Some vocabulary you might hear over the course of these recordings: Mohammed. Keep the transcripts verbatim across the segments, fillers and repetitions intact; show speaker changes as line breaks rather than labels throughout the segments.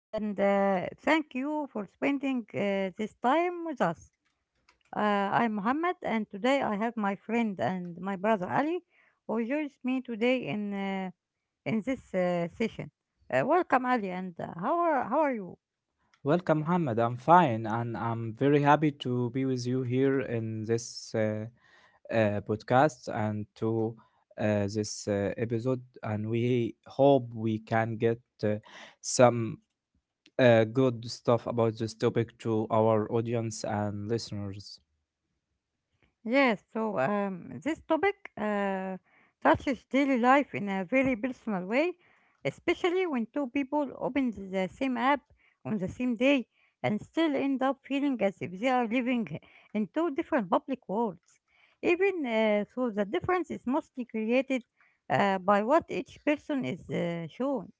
And uh, Thank you for spending uh, this time with us. Uh, I'm Muhammad, and today I have my friend and my brother Ali, who joins me today in uh, in this uh, session. Uh, welcome, Ali, and uh, how are how are you?
Welcome, Mohammed. I'm fine, and I'm very happy to be with you here in this uh, uh, podcast and to uh, this uh, episode. And we hope we can get uh, some uh, good stuff about this topic to our audience and listeners.
Yes, so um, this topic uh, touches daily life in a very personal way, especially when two people open the same app on the same day and still end up feeling as if they are living in two different public worlds, even uh, though the difference is mostly created uh, by what each person is uh, shown.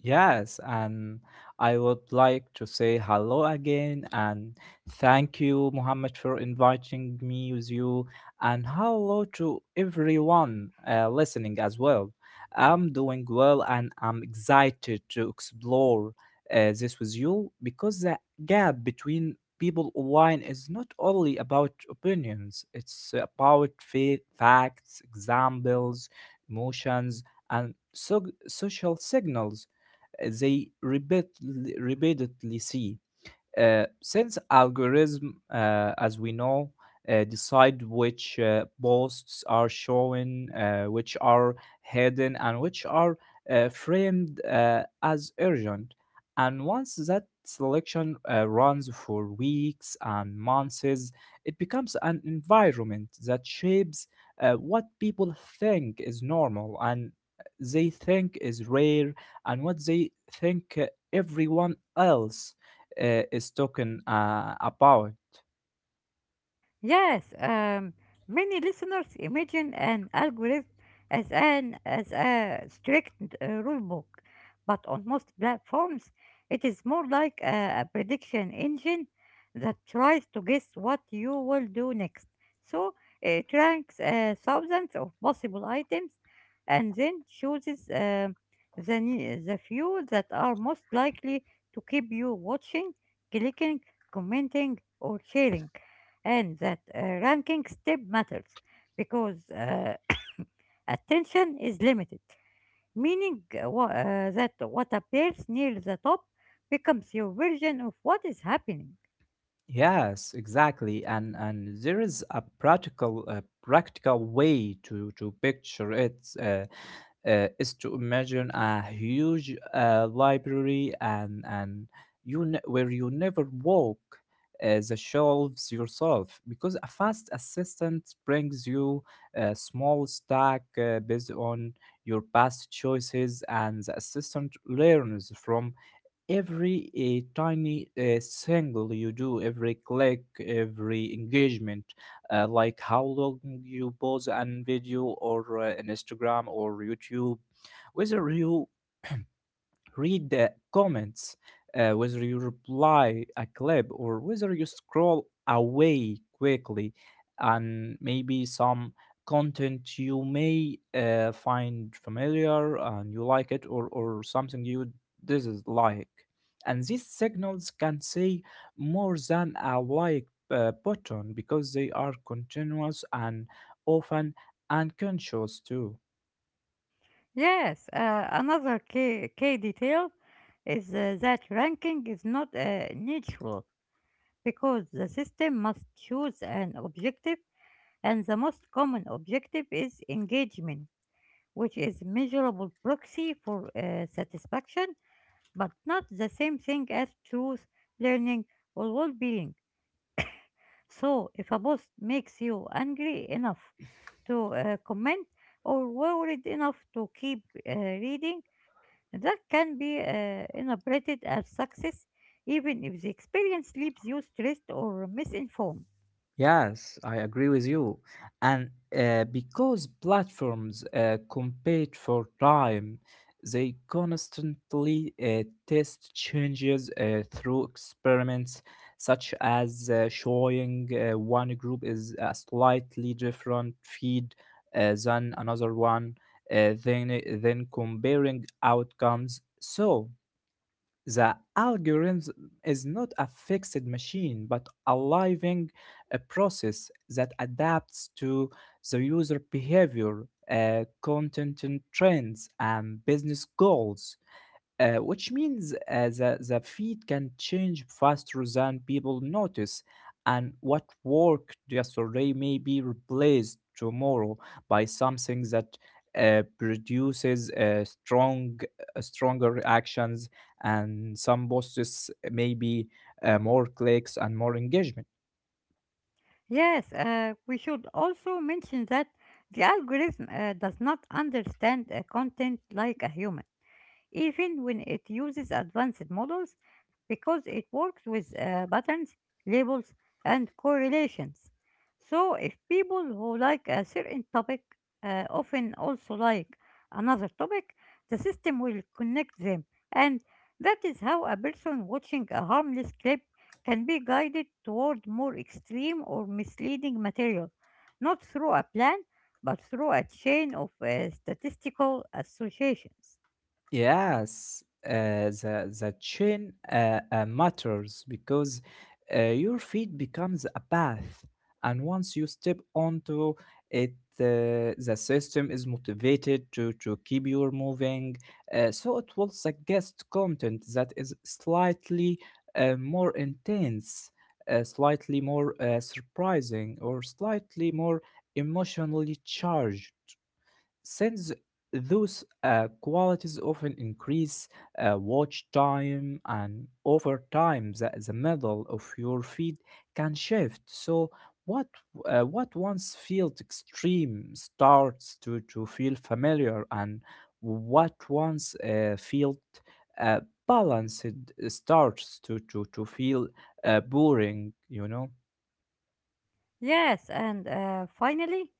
Yes, and I would like to say hello again and thank you, Mohammed, for inviting me with you, and hello to everyone uh, listening as well. I'm doing well and I'm excited to explore uh, this with you because the gap between people online is not only about opinions, it's about fa- facts, examples, emotions, and so- social signals they repeat, repeatedly see uh, since algorithm, uh, as we know, uh, decide which uh, posts are shown, uh, which are hidden, and which are uh, framed uh, as urgent. And once that selection uh, runs for weeks and months, it becomes an environment that shapes uh, what people think is normal and they think is rare and what they think uh, everyone else uh, is talking uh, about.
Yes, um, many listeners imagine an algorithm as an as a strict uh, rule book, but on most platforms, it is more like a, a prediction engine that tries to guess what you will do next. So it ranks uh, thousands of possible items and then chooses um the ne- the few that are most likely to keep you watching, clicking, commenting, or sharing, and that uh, ranking step matters because uh, attention is limited, meaning uh, wha- uh, that what appears near the top becomes your version of what is happening.
Yes, exactly, and and there is a practical uh, practical way to to picture it uh, uh, is to imagine a huge uh, library and and you ne- where you never walk uh, the shelves yourself because a fast assistant brings you a small stack uh, based on your past choices and the assistant learns from every uh, tiny uh, single you do, every click, every engagement, uh, like how long you pause an video or uh, an Instagram or YouTube, whether you read the comments, uh, whether you reply a clip or whether you scroll away quickly, and maybe some content you may uh, find familiar and you like it, or, or something you dislike. And these signals can say more than a like uh, button because they are continuous and often unconscious too.
Yes, uh, another key, key detail is uh, that ranking is not uh, neutral because the system must choose an objective, and the most common objective is engagement, which is measurable proxy for uh, satisfaction, but not the same thing as truth, learning, or well being. So, if a post makes you angry enough to uh, comment or worried enough to keep uh, reading, that can be uh, interpreted as success, even if the experience leaves you stressed or misinformed.
Yes, I agree with you. And uh, because platforms uh, compete for time, they constantly uh, test changes uh, through experiments, such as uh, showing uh, one group is a slightly different feed uh, than another one, uh, then, then comparing outcomes. So, the algorithm is not a fixed machine, but a living uh, process that adapts to the user behavior, uh, content and trends, and business goals uh, which means uh, the, the feed can change faster than people notice. And what worked yesterday may be replaced tomorrow by something that uh, produces uh, strong, uh, stronger reactions, and some posts maybe uh, more clicks and more engagement.
Yes, uh, we should also mention that the algorithm uh, does not understand uh, content like a human even when it uses advanced models because it works with uh, patterns, labels, and correlations. So, if people who like a certain topic uh, often also like another topic, the system will connect them. And that is how a person watching a harmless clip can be guided toward more extreme or misleading material, not through a plan, but through a chain of uh, statistical associations.
Yes, uh, the the chain uh, uh, matters because uh, your feet becomes a path, and once you step onto it, uh, the system is motivated to to keep you moving. Uh, so it will suggest content that is slightly uh, more intense, uh, slightly more uh, surprising, or slightly more emotionally charged since those uh, qualities often increase uh, watch time, and over time, the, the middle of your feed can shift. So, what uh, what once felt extreme starts to, to feel familiar, and what once uh, felt uh, balanced starts to, to, to feel uh, boring, you know?
Yes, and uh, finally,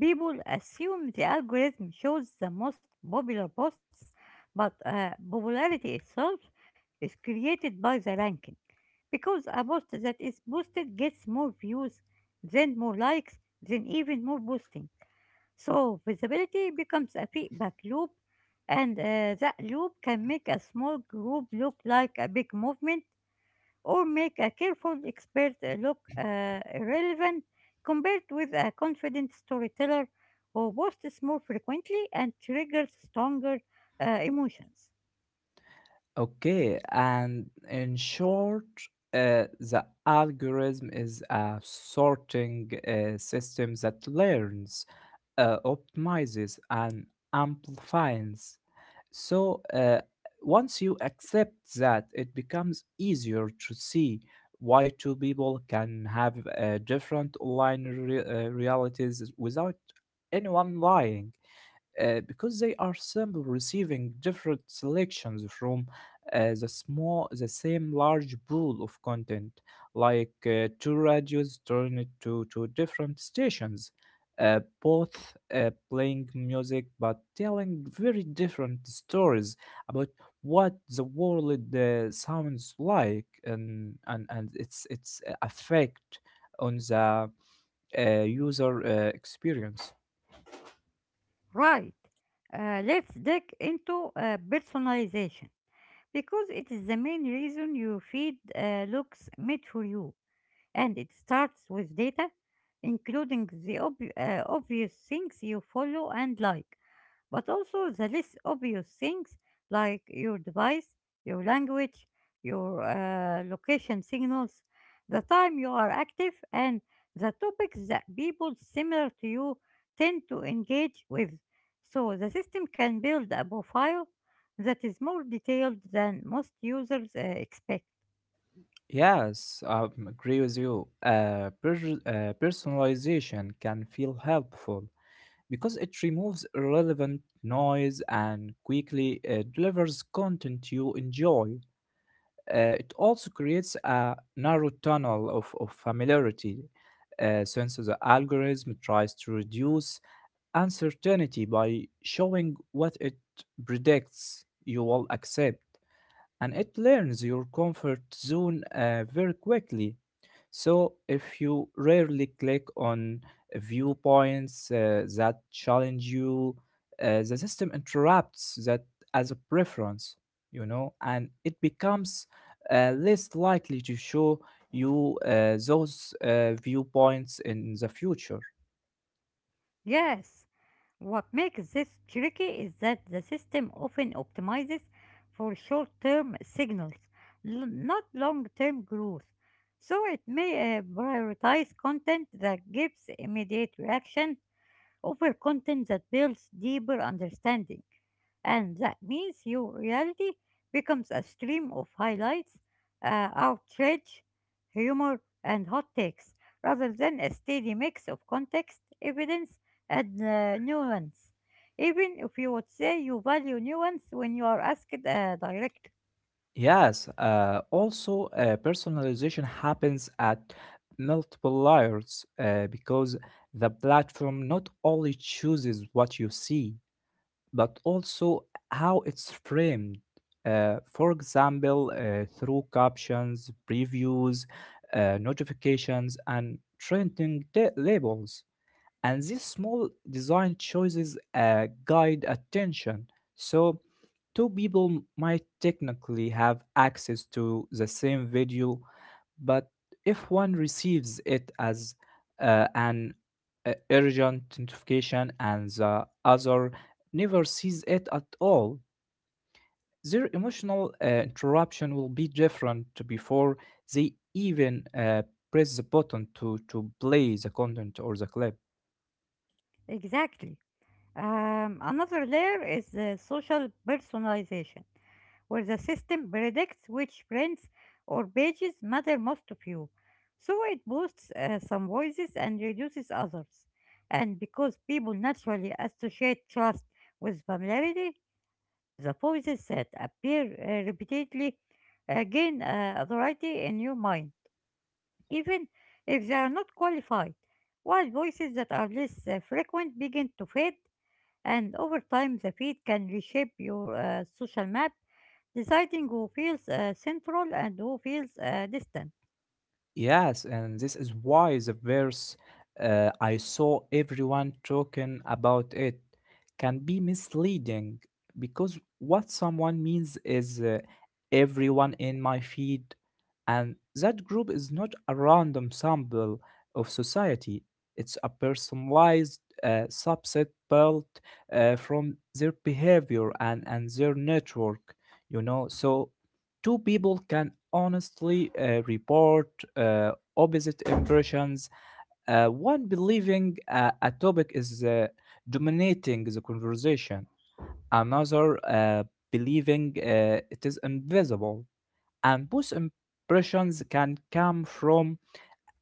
people assume the algorithm shows the most popular posts, but uh, popularity itself is created by the ranking. Because a post that is boosted gets more views, then more likes, then even more boosting. So visibility becomes a feedback loop, and uh, that loop can make a small group look like a big movement or make a careful expert uh, look uh, irrelevant compared with a confident storyteller who boasts more frequently and triggers stronger uh, emotions.
Okay, and in short, uh, the algorithm is a sorting uh, system that learns, uh, optimizes, and amplifies. So, uh, once you accept that, it becomes easier to see why two people can have uh, different online re- uh, realities without anyone lying uh, because they are simple receiving different selections from uh, the small the same large pool of content, like uh, two radios turned to to different stations, uh, both uh, playing music but telling very different stories about what the world uh, sounds like, and and and its its effect on the uh, user uh, experience.
Right, uh, let's dig into uh, personalization because it is the main reason your feed uh, looks made for you, and it starts with data, including the ob- uh, obvious things you follow and like, but also the less obvious things like your device, your language, your uh, location signals, the time you are active, and the topics that people similar to you tend to engage with. So the system can build a profile that is more detailed than most users uh, expect.
Yes, I agree with you. Uh, pers- uh, personalization can feel helpful because it removes irrelevant noise and quickly uh, delivers content you enjoy. Uh, it also creates a narrow tunnel of, of familiarity uh, since the algorithm tries to reduce uncertainty by showing what it predicts you will accept, and it learns your comfort zone uh, very quickly. So, if you rarely click on viewpoints uh, that challenge you, uh, the system interrupts that as a preference, you know, and it becomes uh, less likely to show you uh, those uh, viewpoints in the future.
Yes, what makes this tricky is that the system often optimizes for short term signals, l- not long term growth. So it may uh, prioritize content that gives immediate reaction over content that builds deeper understanding. And that means your reality becomes a stream of highlights, uh, outrage, humor, and hot takes, rather than a steady mix of context, evidence, and uh, nuance, even if you would say you value nuance when you are asked uh, directly.
Yes, uh, also uh, personalization happens at multiple layers uh, because the platform not only chooses what you see but also how it's framed. Uh, for example, uh, through captions, previews, uh, notifications, and trending ta- labels. And these small design choices uh, guide attention. So, two people might technically have access to the same video, but if one receives it as uh, an uh, urgent notification and the other never sees it at all, their emotional uh, interruption will be different before they even uh, press the button to, to play the content or the clip.
Exactly. Um, another layer is uh, social personalization, where the system predicts which friends or pages matter most to you. So it boosts uh, some voices and reduces others. And because people naturally associate trust with familiarity, the voices that appear uh, repeatedly uh, gain uh, authority in your mind, even if they are not qualified, while voices that are less uh, frequent begin to fade, and over time the feed can reshape your uh, social map, deciding who feels uh, central and who feels uh, distant.
Yes, and this is why the verse uh, I saw everyone talking about it can be misleading because what someone means is uh, everyone in my feed, and that group is not a random sample of society, it's a personalized uh, subset built uh, from their behavior and, and their network, you know. So two people can honestly uh, report uh, opposite impressions, uh, one believing uh, a topic is uh, dominating the conversation, another uh, believing uh, it is invisible. And both impressions can come from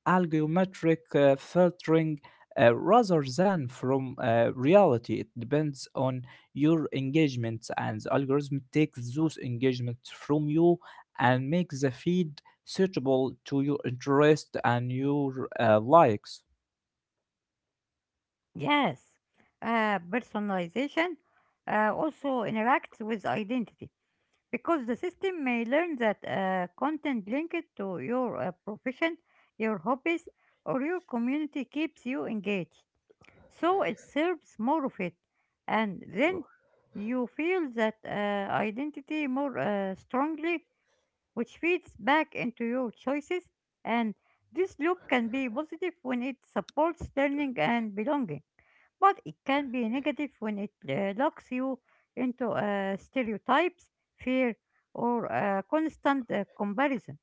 algeometric uh, filtering uh, rather than from uh, reality. It depends on your engagements, and the algorithm takes those engagements from you and makes the feed suitable to your interest and your uh, likes.
Yes, uh, personalization uh, also interacts with identity because the system may learn that uh, content linked to your uh, profession, your hobbies, or your community keeps you engaged. So it serves more of it, and then you feel that uh, identity more uh, strongly, which feeds back into your choices. And this loop can be positive when it supports learning and belonging, but it can be negative when it uh, locks you into uh, stereotypes, fear, or uh, constant uh, comparison.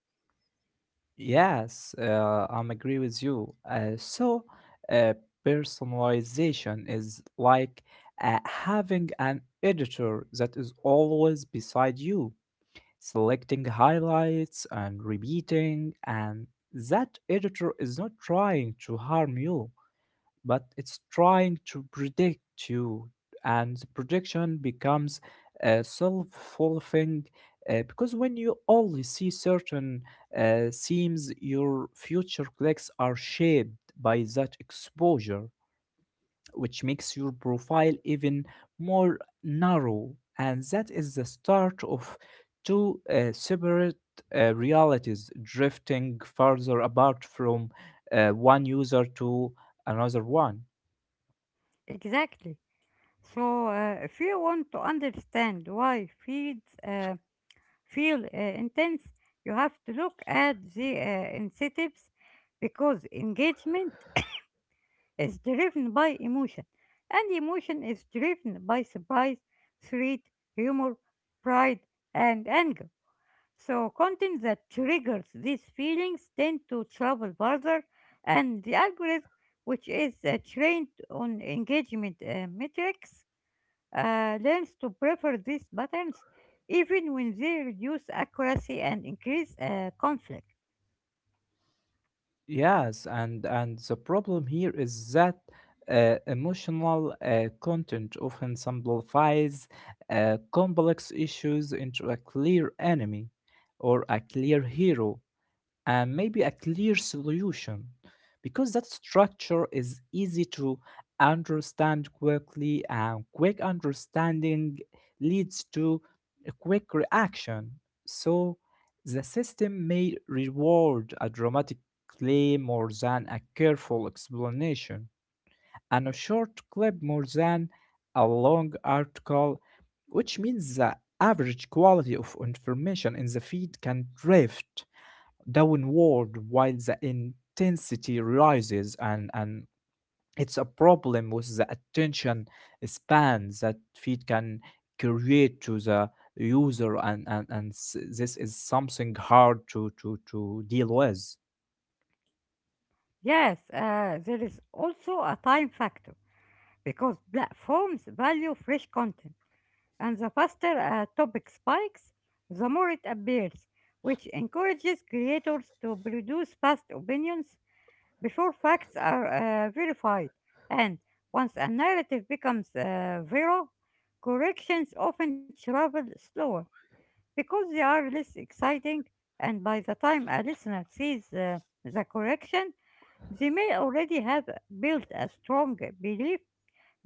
Yes, uh, I'm agree with you. Uh, so, uh, personalization is like uh, having an editor that is always beside you, selecting highlights and repeating, and that editor is not trying to harm you, but it's trying to predict you, and the prediction becomes uh, self-fulfilling, uh, because when you only see certain uh, themes, your future clicks are shaped by that exposure, which makes your profile even more narrow. And that is the start of two uh, separate uh, realities drifting further apart from uh, one user to another one.
Exactly. So, uh, if you want to understand why feeds uh, feel uh, intense, you have to look at the uh, incentives because engagement is driven by emotion, and emotion is driven by surprise, threat, humor, pride, and anger. So, content that triggers these feelings tend to travel further, and the algorithm, which is uh, trained on engagement uh, metrics, uh, learns to prefer these patterns even when they reduce accuracy and increase uh, conflict.
Yes, and and the problem here is that uh, emotional uh, content often simplifies uh, complex issues into a clear enemy or a clear hero, and maybe a clear solution, because that structure is easy to understand quickly, and quick understanding leads to a quick reaction. So the system may reward a dramatic claim more than a careful explanation, and a short clip more than a long article, which means the average quality of information in the feed can drift downward while the intensity rises. And and it's a problem with the attention span that feed can create to the user, and and, and s- this is something hard to to to deal with.
Yes, uh, there is also a time factor, because platforms value fresh content, and the faster a topic spikes, the more it appears, which encourages creators to produce fast opinions before facts are uh, verified. And once a narrative becomes uh, viral, corrections often travel slower because they are less exciting, and by the time a listener sees uh, the correction, they may already have built a strong belief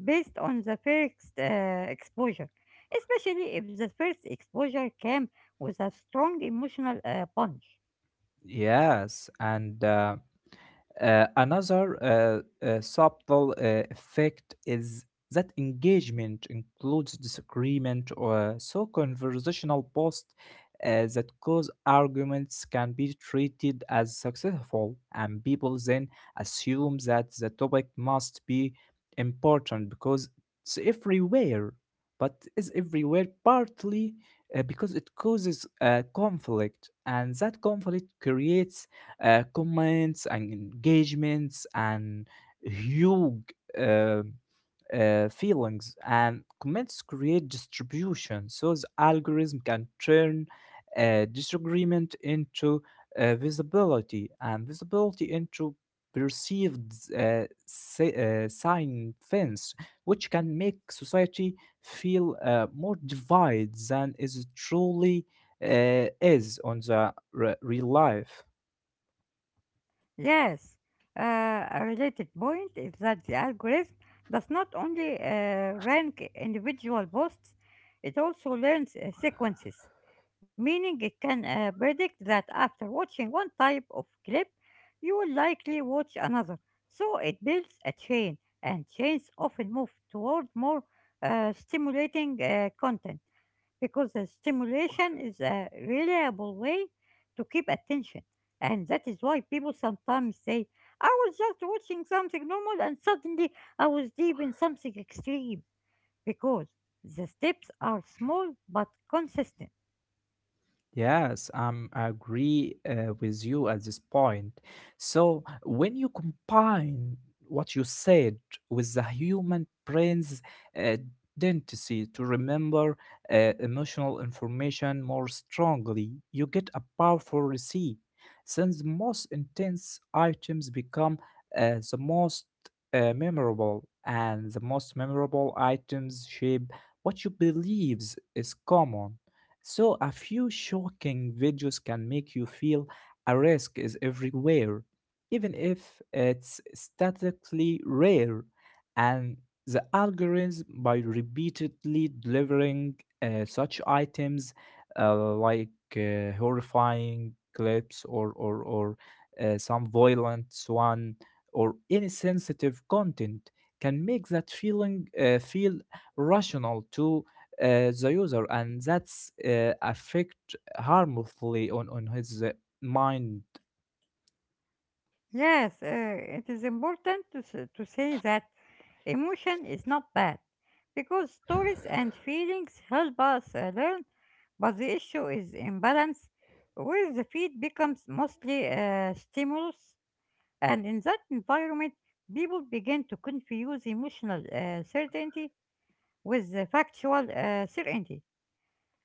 based on the first uh, exposure, especially if the first exposure came with a strong emotional uh, punch.
Yes, and uh, Uh, another uh, uh, subtle uh, effect is that engagement includes disagreement, or so conversational posts uh, that cause arguments can be treated as successful, and people then assume that the topic must be important because it's everywhere. But is everywhere partly uh, because it causes uh, conflict, and that conflict creates uh, comments and engagements and huge uh, uh, feelings, and comments create distribution. So the algorithm can turn uh, disagreement into uh, visibility, and visibility into perceived uh, si- uh, sign fence, which can make society feel uh, more divided than is truly uh, is on the re- real life.
Yes, uh, a related point is that the algorithm does not only uh, rank individual posts, it also learns uh, sequences, meaning it can uh, predict that
He was also
after watching
a
one
member
type
of the
of clip, you will
Society
likely
of
watch another. So it builds a chain,
Antiquarians.
and chains often move toward more uh, stimulating uh, content because the stimulation is a reliable way to keep attention. And that is why people sometimes say, I was just watching something normal and suddenly I was deep in something extreme, because the steps are small but consistent.
Yes, um, I agree uh, with you at this point. So, when you combine what you said with the human brain's uh, density to remember uh, emotional information more strongly, you get a powerful receipt. Since the most intense items become uh, the most uh, memorable, and the most memorable items shape what you believes is common. So, a few shocking videos can make you feel a risk is everywhere, even if it's statically rare. And the algorithm, by repeatedly delivering uh, such items, uh, like uh, horrifying clips, or, or, or uh, some violent one or insensitive content, can make that feeling uh, feel rational too uh, the user, and that's uh, affect harmfully on on his uh, mind.
Yes, uh, it is important to, s- to say that emotion is not bad because stories and feelings help us uh, learn. But the issue is imbalance, where the feed becomes mostly a stimulus, and in that environment, people begin to confuse emotional uh, certainty with the factual uh, certainty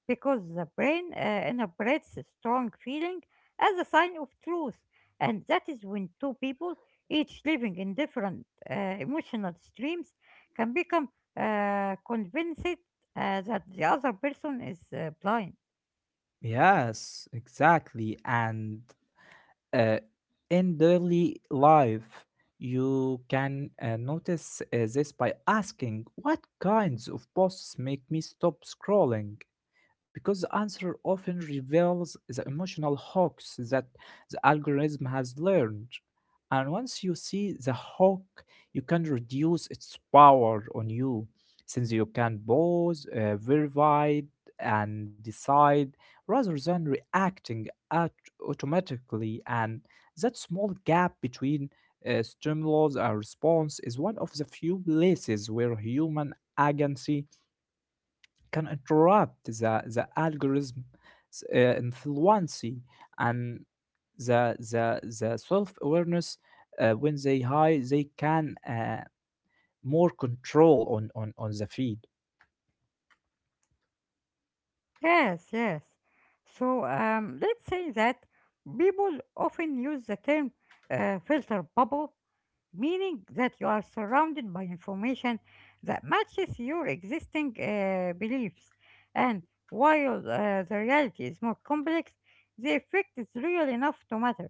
because the brain uh, interprets a strong feeling as a sign of truth, and that is when two people, each living in different uh, emotional streams, can become uh, convinced uh, that the other person is uh, blind.
Yes, exactly, and uh, in daily life you can uh, notice uh, this by asking what kinds of posts make me stop scrolling, because the answer often reveals the emotional hooks that the algorithm has learned. And once you see the hook, you can reduce its power on you, since you can pause, uh, verify, and decide rather than reacting at automatically. And that small gap between uh, stimulus and response is one of the few places where human agency can interrupt the the algorithm uh, influence and the the the self awareness uh, when they high they can uh, more control on, on on the feed.
Yes, yes. So um, let's say that people often use the term uh, filter bubble, meaning that you are surrounded by information that matches your existing uh, beliefs. And while uh, the reality is more complex, the effect is real enough to matter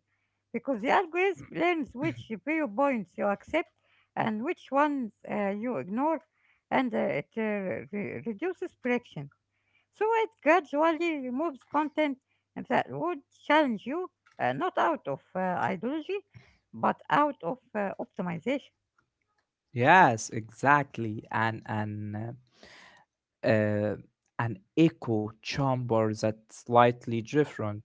because the algorithm learns which viewpoints you accept and which ones uh, you ignore, and uh, it uh, re- reduces friction. So it gradually removes content that would challenge you, uh, not out of uh, ideology, but out of uh, optimization.
Yes, exactly, and and uh, uh, an echo chamber that's slightly different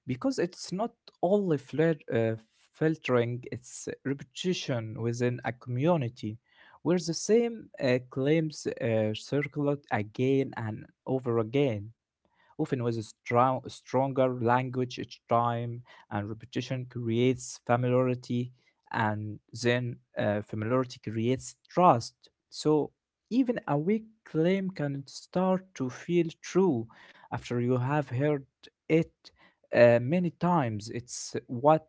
because it's not only flir- uh, filtering, it's repetition within a community where the same uh, claims uh, circulate again and over again, often with a strong, stronger language each time, and repetition creates familiarity, and then uh, familiarity creates trust. So even a weak claim can start to feel true after you have heard it uh, many times. It's what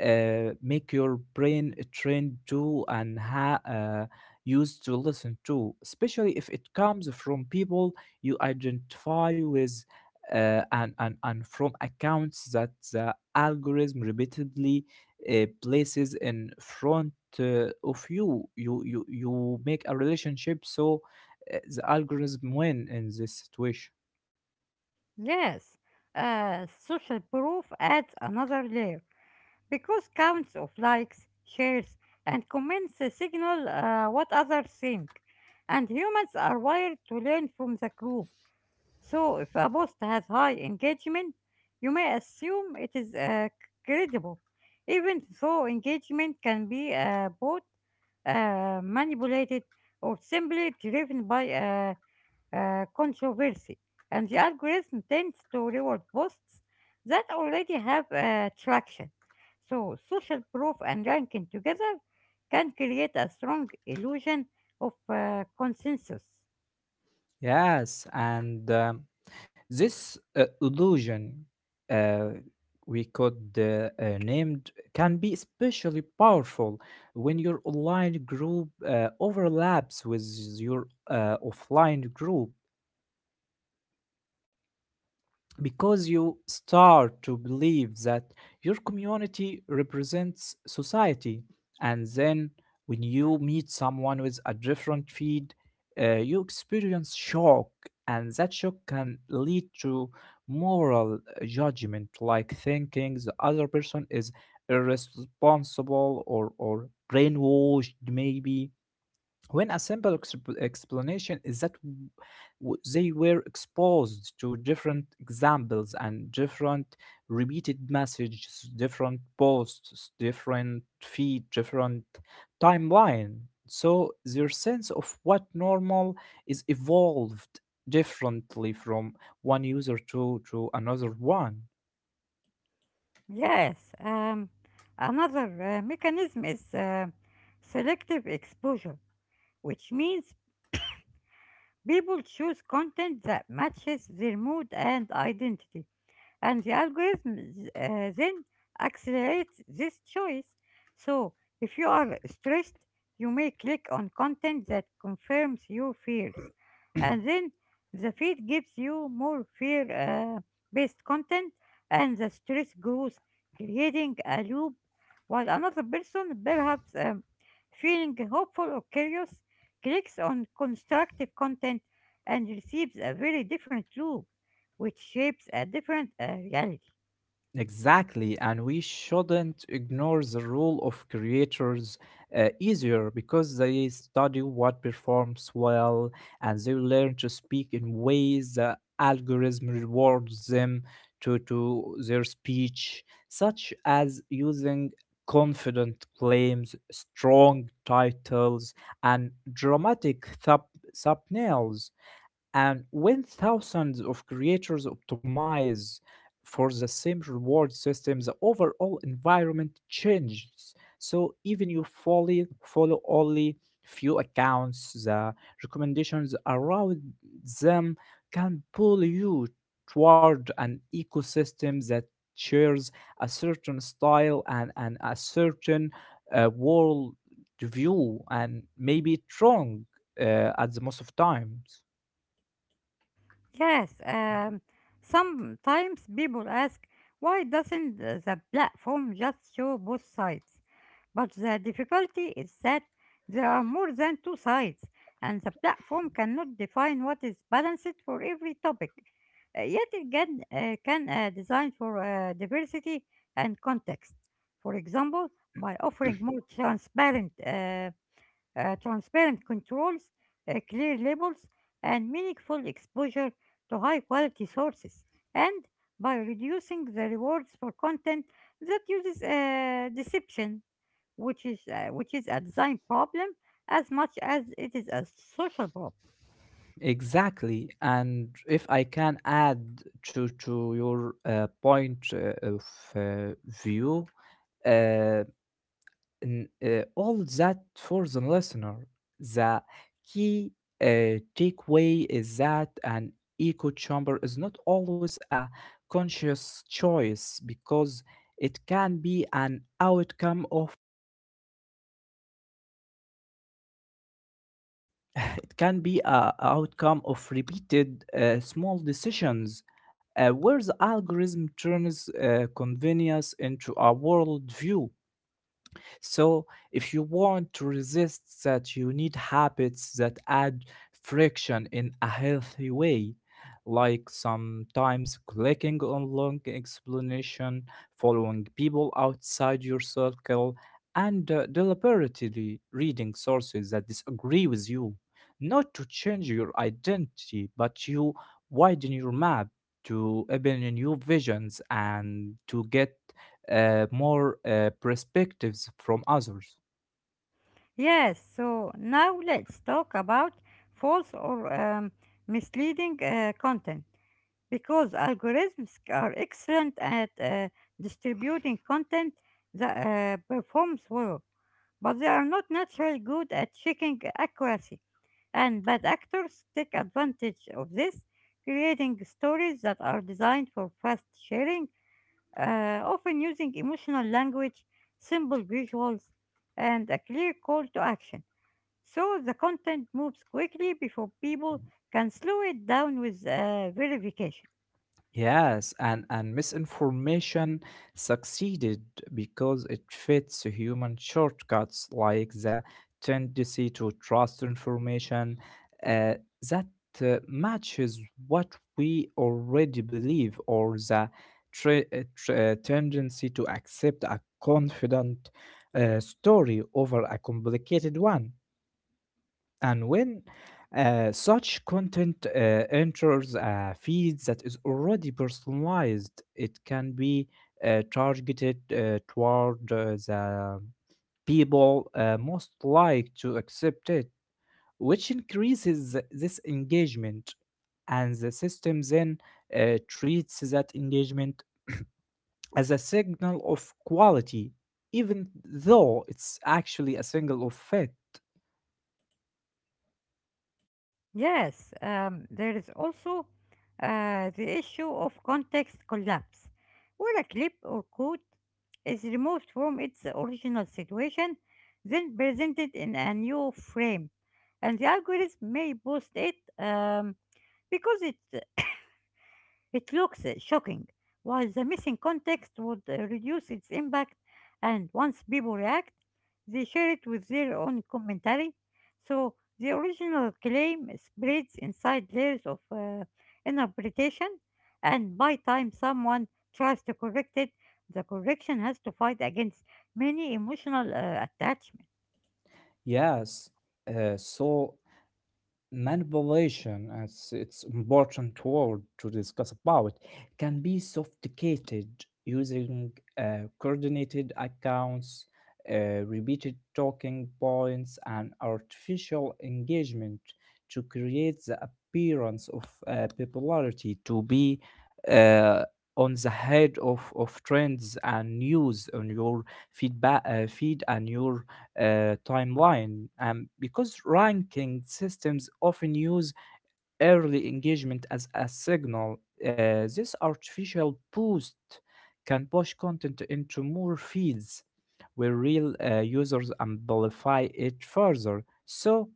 uh, make your brain trained to and ha- uh, used to listen to, especially if it comes from people you identify with, uh, and, and, and from accounts that the algorithm repeatedly uh, places in front uh, of you. You, you. you make a relationship, so uh, the algorithm win in this situation.
Yes, uh, social proof adds another layer because counts of likes, shares, and comments uh, signal uh, what others think, and humans are wired to learn from the group. So, if a post has high engagement, you may assume it is uh, credible, even though engagement can be uh, both uh, manipulated or simply driven by uh, uh, controversy. And the algorithm tends to reward posts that already have uh, traction. So, social proof and ranking together can create a strong illusion of uh, consensus.
Yes, and um, this uh, illusion uh, we could uh, uh, named can be especially powerful when your online group uh, overlaps with your uh, offline group, because you start to believe that your community represents society, and then when you meet someone with a different feed, uh, you experience shock, and that shock can lead to moral judgment, like thinking the other person is irresponsible or or brainwashed, maybe, when a simple exp- explanation is that w- w- they were exposed to different examples and different repeated messages, different posts, different feed, different timeline, so their sense of what normal is evolved differently from one user to to another one.
Yes, um, another uh, mechanism is uh, selective exposure, which means people choose content that matches their mood and identity, and the algorithm uh, then accelerates this choice. So, if you are stressed, you may click on content that confirms your fears, and then the feed gives you more fear uh, based content, and the stress grows, creating a loop. While another person, perhaps um, feeling hopeful or curious, clicks on constructive content and receives a very different loop, which shapes a different uh, reality.
Exactly, and we shouldn't ignore the role of creators, uh, easier, because they study what performs well and they learn to speak in ways the algorithm rewards them to, to their speech, such as using confident claims, strong titles, and dramatic thub- thumbnails. And when thousands of creators optimize for the same reward system, the overall environment changes. So even you fully follow only few accounts, the recommendations around them can pull you toward an ecosystem that shares a certain style, and, and a certain uh, world view, and maybe it's wrong uh, at the most of times.
Yes, um, sometimes people ask, why doesn't the the platform just show both sides? But the difficulty is that there are more than two sides, and the platform cannot define what is balanced for every topic. Uh, yet it can, uh, can uh, design for uh, diversity and context. For example, by offering more transparent uh, uh, transparent controls, uh, clear labels, and meaningful exposure to high quality sources, and by reducing the rewards for content that uses uh, deception, which is, uh, which is a design problem as much as it is a social problem.
Exactly, and if I can add to to your uh, point uh, of uh, view, uh, n- uh, all that for the listener, the key uh, takeaway is that an echo chamber is not always a conscious choice, because it can be an outcome of it can be a, a outcome of repeated uh, small decisions uh, where the algorithm turns uh, convenience into a worldview. So, if you want to resist that, you need habits that add friction in a healthy way, like sometimes clicking on long explanation, following people outside your circle, and uh, deliberately reading sources that disagree with you. Not to change your identity, but you widen your map to open new visions and to get uh, more uh, perspectives from others.
Yes, so now let's talk about false or um, misleading uh, content, because algorithms are excellent at uh, distributing content that uh, performs well, but they are not naturally good at checking accuracy. And bad actors take advantage of this, creating stories that are designed for fast sharing, uh, often using emotional language, simple visuals, and a clear call to action. So the content moves quickly before people can slow it down with uh, verification.
Yes, and, and misinformation succeeded because it fits human shortcuts, like the tendency to trust information uh, that uh, matches what we already believe, or the tra- uh, tra- uh, tendency to accept a confident uh, story over a complicated one. And when uh, such content uh, enters a feed that is already personalized, it can be uh, targeted uh, toward uh, the people uh, most like to accept it, which increases this engagement. And the system then uh, treats that engagement as a signal of quality, even though it's actually a signal of fit.
Yes, um, there is also uh, the issue of context collapse, where a clip or quote is removed from its original situation, then presented in a new frame, and the algorithm may boost it um, because it it looks uh, shocking, while the missing context would uh, reduce its impact, and once people react, they share it with their own commentary, so the original claim spreads inside layers of uh, interpretation, and by time someone tries to correct it, the correction has to fight against many emotional uh, attachments.
Yes. Uh, so manipulation, as it's important word to discuss about, can be sophisticated, using uh, coordinated accounts, uh, repeated talking points, and artificial engagement to create the appearance of uh, popularity, to be uh, on the head of, of trends and news on your feedback uh, feed and your uh, timeline. And because ranking systems often use early engagement as a signal, Uh, this artificial boost can push content into more feeds where real uh, users amplify it further. So,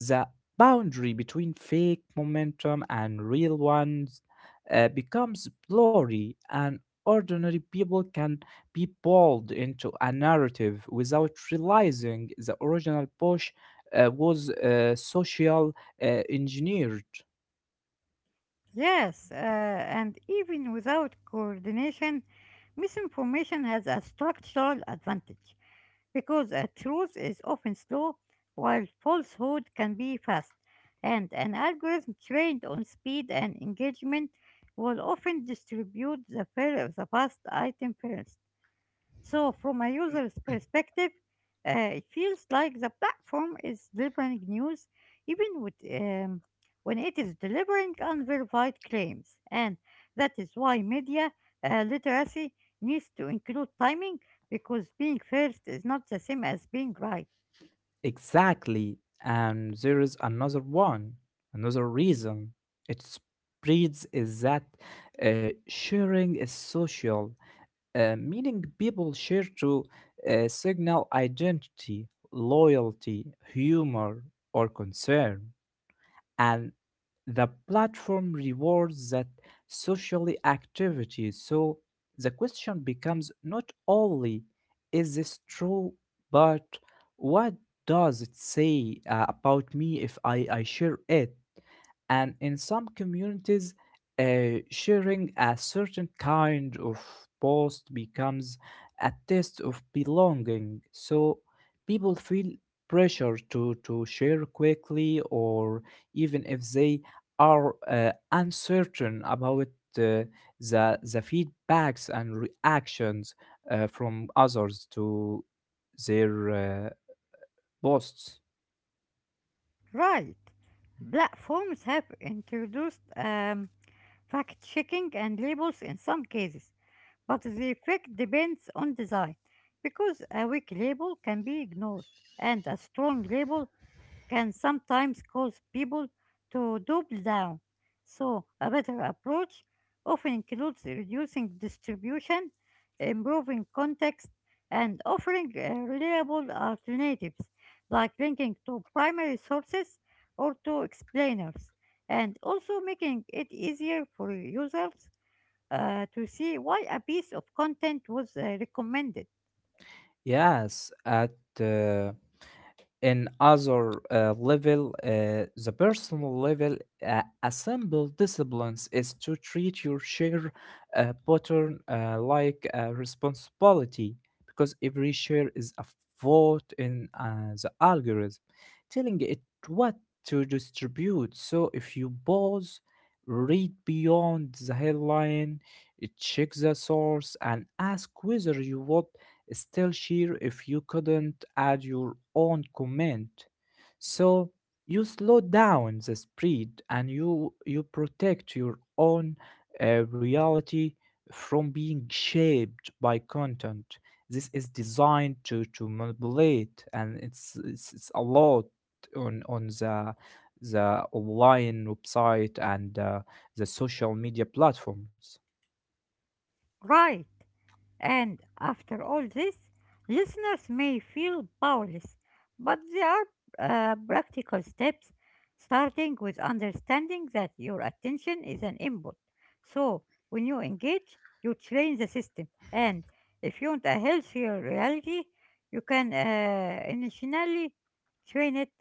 the boundary between fake momentum and real ones uh, becomes blurry, and ordinary people can be pulled into a narrative without realizing the original push uh, was uh, social uh, engineered.
Yes, uh, and even without coordination, misinformation has a structural advantage because a truth is often slow while falsehood can be fast, and an algorithm trained on speed and engagement will often distribute the, fir- the fast item first. So, from a user's perspective, uh, it feels like the platform is delivering news even with, um, when it is delivering unverified claims. And that is why media uh, literacy needs to include timing because being first is not the same as being right.
Exactly. And there is another one, another reason it spreads is that uh, sharing is social, uh, meaning people share to uh, signal identity, loyalty, humor, or concern, and the platform rewards that socially activity. So the question becomes not only, is this true, but what does it say uh, about me if I, I share it? And in some communities, uh, sharing a certain kind of post becomes a test of belonging. So people feel pressure to, to share quickly, or even if they are uh, uncertain about uh, the, the feedbacks and reactions uh, from others to their uh, posts.
Right. Platforms have introduced um, fact checking and labels in some cases, but the effect depends on design because a weak label can be ignored and a strong label can sometimes cause people to double down. So, a better approach often includes reducing distribution, improving context, and offering uh, reliable alternatives like linking to primary sources or to explainers, and also making it easier for users uh, to see why a piece of content was uh, recommended.
Yes, at uh, in other uh, level, uh, the personal level, uh, a simple disciplines is to treat your share uh, pattern uh, like a responsibility, because every share is a vote in uh, the algorithm, telling it what to distribute. So if you pause, read beyond the headline, uh, check the source, and ask whether you would still sheer if you couldn't add your own comment. So you slow down the spread and you you protect your own uh, reality from being shaped by content. This is designed to, to manipulate, and it's, it's it's a lot on on the the online website and uh, the social media platforms.
Right. And after all this, listeners may feel powerless, but there are uh, practical steps, starting with understanding that your attention is an input. So, when you engage, you train the system. And if you want a healthier reality, you can uh, initially train it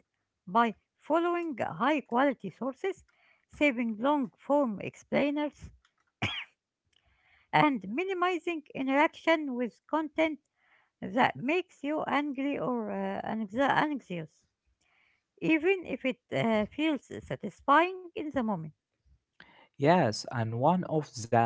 by following high quality sources, saving long form explainers, and minimizing interaction with content that makes you angry or uh, anxi- anxious, even if it uh, feels satisfying in the moment.
Yes, and one of the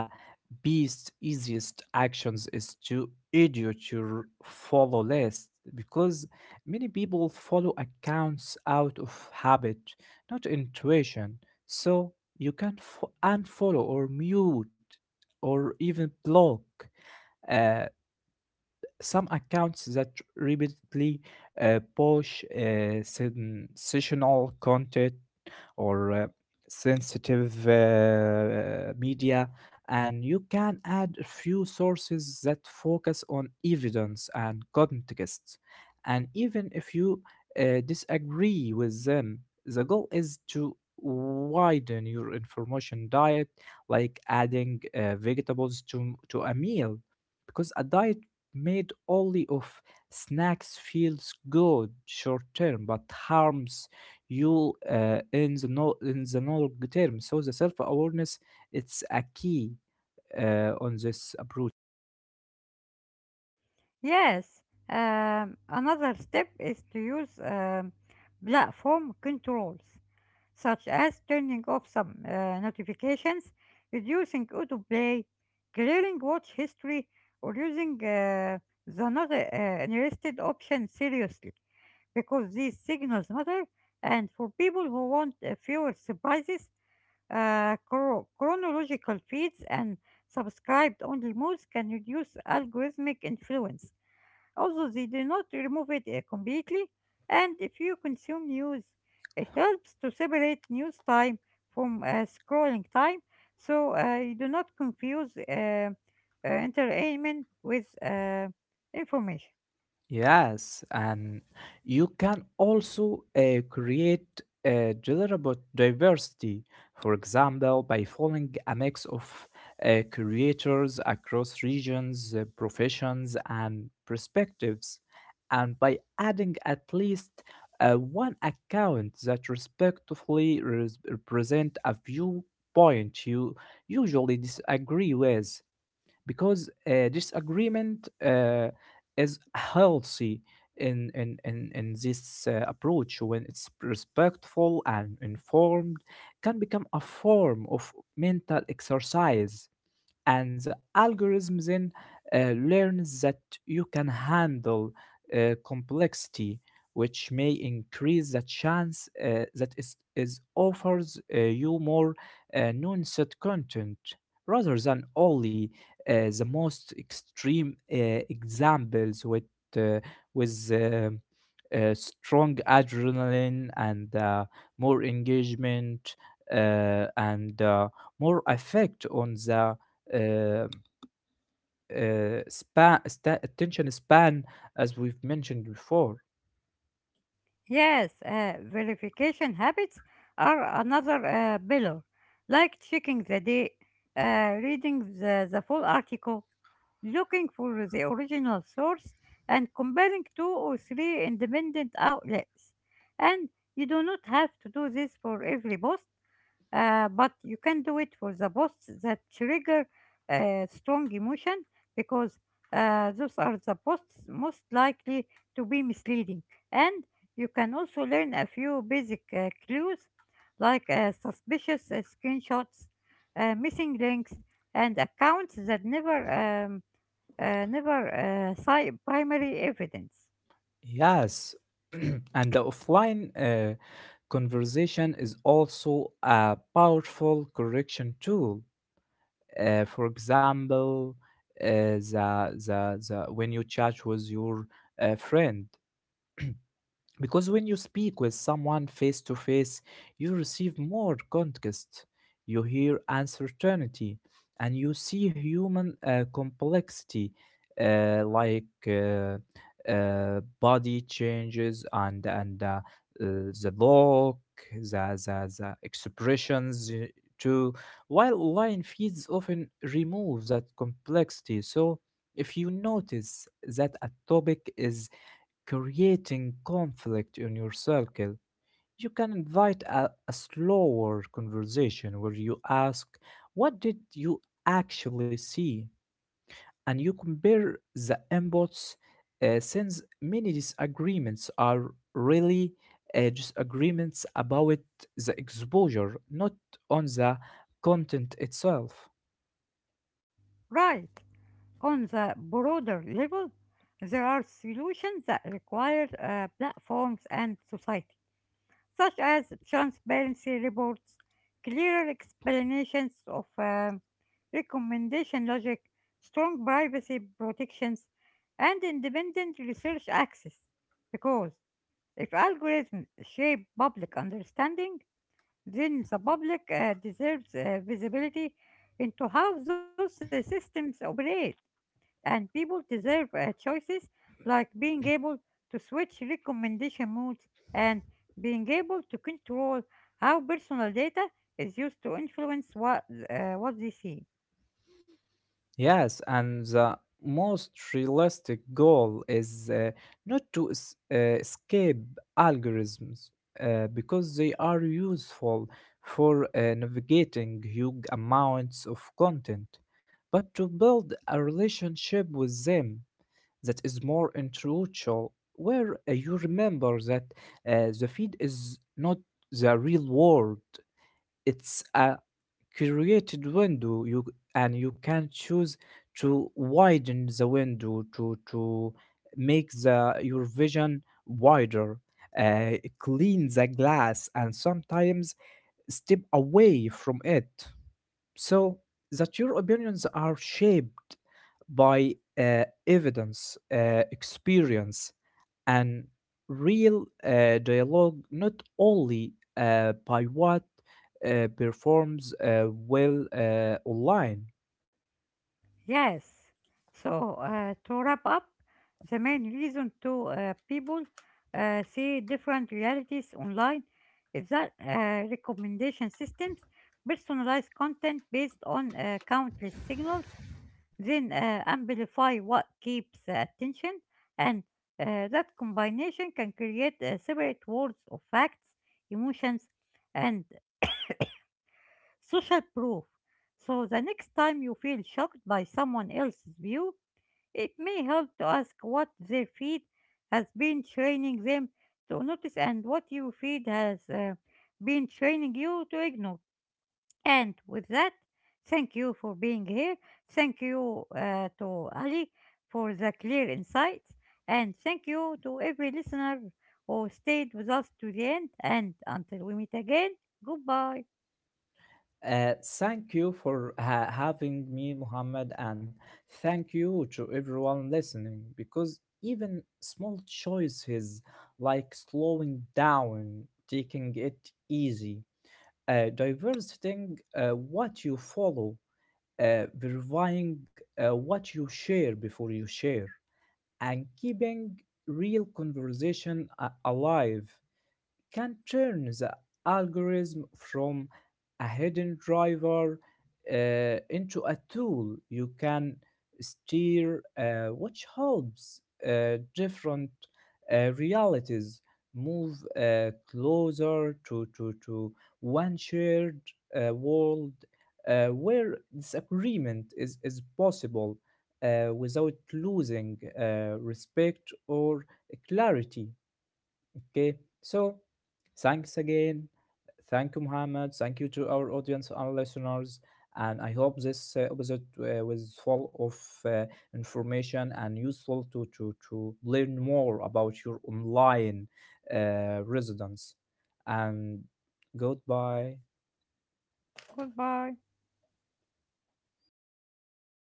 beast's easiest actions is to edit your follow list, because many people follow accounts out of habit, not intuition. So you can fo- unfollow or mute or even block uh, some accounts that repeatedly uh, push uh, sensational content or uh, sensitive uh, uh, media, and you can add a few sources that focus on evidence and context. And even if you uh, disagree with them, the goal is to widen your information diet, like adding uh, vegetables to to a meal, because a diet made only of snacks feels good short term but harms you uh, in the no in the long term. So the self awareness, it's a key uh, on this approach.
Yes, um, another step is to use um, platform controls, such as turning off some uh, notifications, reducing autoplay, clearing watch history, or using uh, the not uh, interested option seriously because these signals matter, and for people who want uh, fewer surprises, uh, chro- chronological feeds and subscribed only modes can reduce algorithmic influence, although they do not remove it uh, completely, and if you consume news, it helps to separate news time from uh, scrolling time so uh, you do not confuse uh, uh, entertainment with uh, information.
Yes, and you can also uh, create a deliverable diversity, for example, by following a mix of uh, creators across regions, uh, professions, and perspectives, and by adding at least uh, one account that respectfully res- represent a viewpoint you usually disagree with, because uh, disagreement uh, is healthy in in in, in this uh, approach. When it's respectful and informed, can become a form of mental exercise, and the algorithm then uh, learns that you can handle uh, complexity, which may increase the chance uh, that is, is offers uh, you more uh, nuanced content rather than only uh, the most extreme uh, examples with uh, with uh, uh, strong adrenaline and uh, more engagement, uh, and uh, more effect on the uh, uh, span sta attention span, as we've mentioned before.
Yes, uh, verification habits are another uh, pillar, like checking the date, uh, reading the, the full article, looking for the original source, and comparing two or three independent outlets. And you do not have to do this for every post, uh, but you can do it for the posts that trigger uh, strong emotion because uh, those are the posts most likely to be misleading, and you can also learn a few basic uh, clues like uh, suspicious uh, screenshots, uh, missing links, and accounts that never um, uh, never uh, cite primary evidence.
Yes, and the offline uh, conversation is also a powerful correction tool. Uh, for example, uh, the, the, the when you chat with your uh, friend, because when you speak with someone face to face, you receive more context, you hear uncertainty, and you see human uh, complexity uh, like uh, uh, body changes, and, and uh, uh, the look, the, the, the expressions uh, too. While online feeds often remove that complexity. So if you notice that a topic is creating conflict in your circle, you can invite a, a slower conversation where you ask, what did you actually see? And you compare the inputs, uh, since many disagreements are really uh, disagreements about the exposure, not on the content itself.
Right. On the broader level, there are solutions that require uh, platforms and society, such as transparency reports, clearer explanations of um, recommendation logic, strong privacy protections, and independent research access. Because if algorithms shape public understanding, then the public uh, deserves uh, visibility into how those uh, systems operate and people deserve uh, choices like being able to switch recommendation modes and being able to control how personal data is used to influence what uh, what they see.
Yes, and the most realistic goal is uh, not to es- uh, escape algorithms uh, because they are useful for uh, navigating huge amounts of content, but to build a relationship with them that is more intellectual, where uh, you remember that uh, the feed is not the real world. It's a created window you, and you can choose to widen the window to to make the your vision wider, uh, clean the glass, and sometimes step away from it, so that your opinions are shaped by uh, evidence, uh, experience, and real uh, dialogue, not only uh, by what uh, performs uh, well uh, online.
Yes. So uh, to wrap up, the main reason to uh, people uh, see different realities online is that uh, recommendation systems personalize content based on uh, countless signals, then uh, amplify what keeps the attention, and uh, that combination can create uh, separate worlds of facts, emotions, and social proof. So the next time you feel shocked by someone else's view, it may help to ask what their feed has been training them to notice and what your feed has uh, been training you to ignore. And with that, thank you for being here. Thank you uh, to Ali for the clear insights. And thank you to every listener who stayed with us to the end. And until we meet again, goodbye.
Uh, thank you for ha- having me, Muhammad, and thank you to everyone listening, because even small choices like slowing down, taking it easy, uh, diversifying uh, what you follow, uh, verifying uh, what you share before you share, and keeping real conversation a- alive can turn the algorithm from a hidden driver uh, into a tool you can steer, uh, which helps uh, different uh, realities move uh, closer to, to, to one shared uh, world uh, where disagreement is, is possible uh, without losing uh, respect or clarity. Okay, so thanks again. Thank you, Muhammad. Thank you to our audience and listeners. And I hope this uh, episode uh, was full of uh, information and useful to, to, to learn more about your online uh, residence. And goodbye.
Goodbye.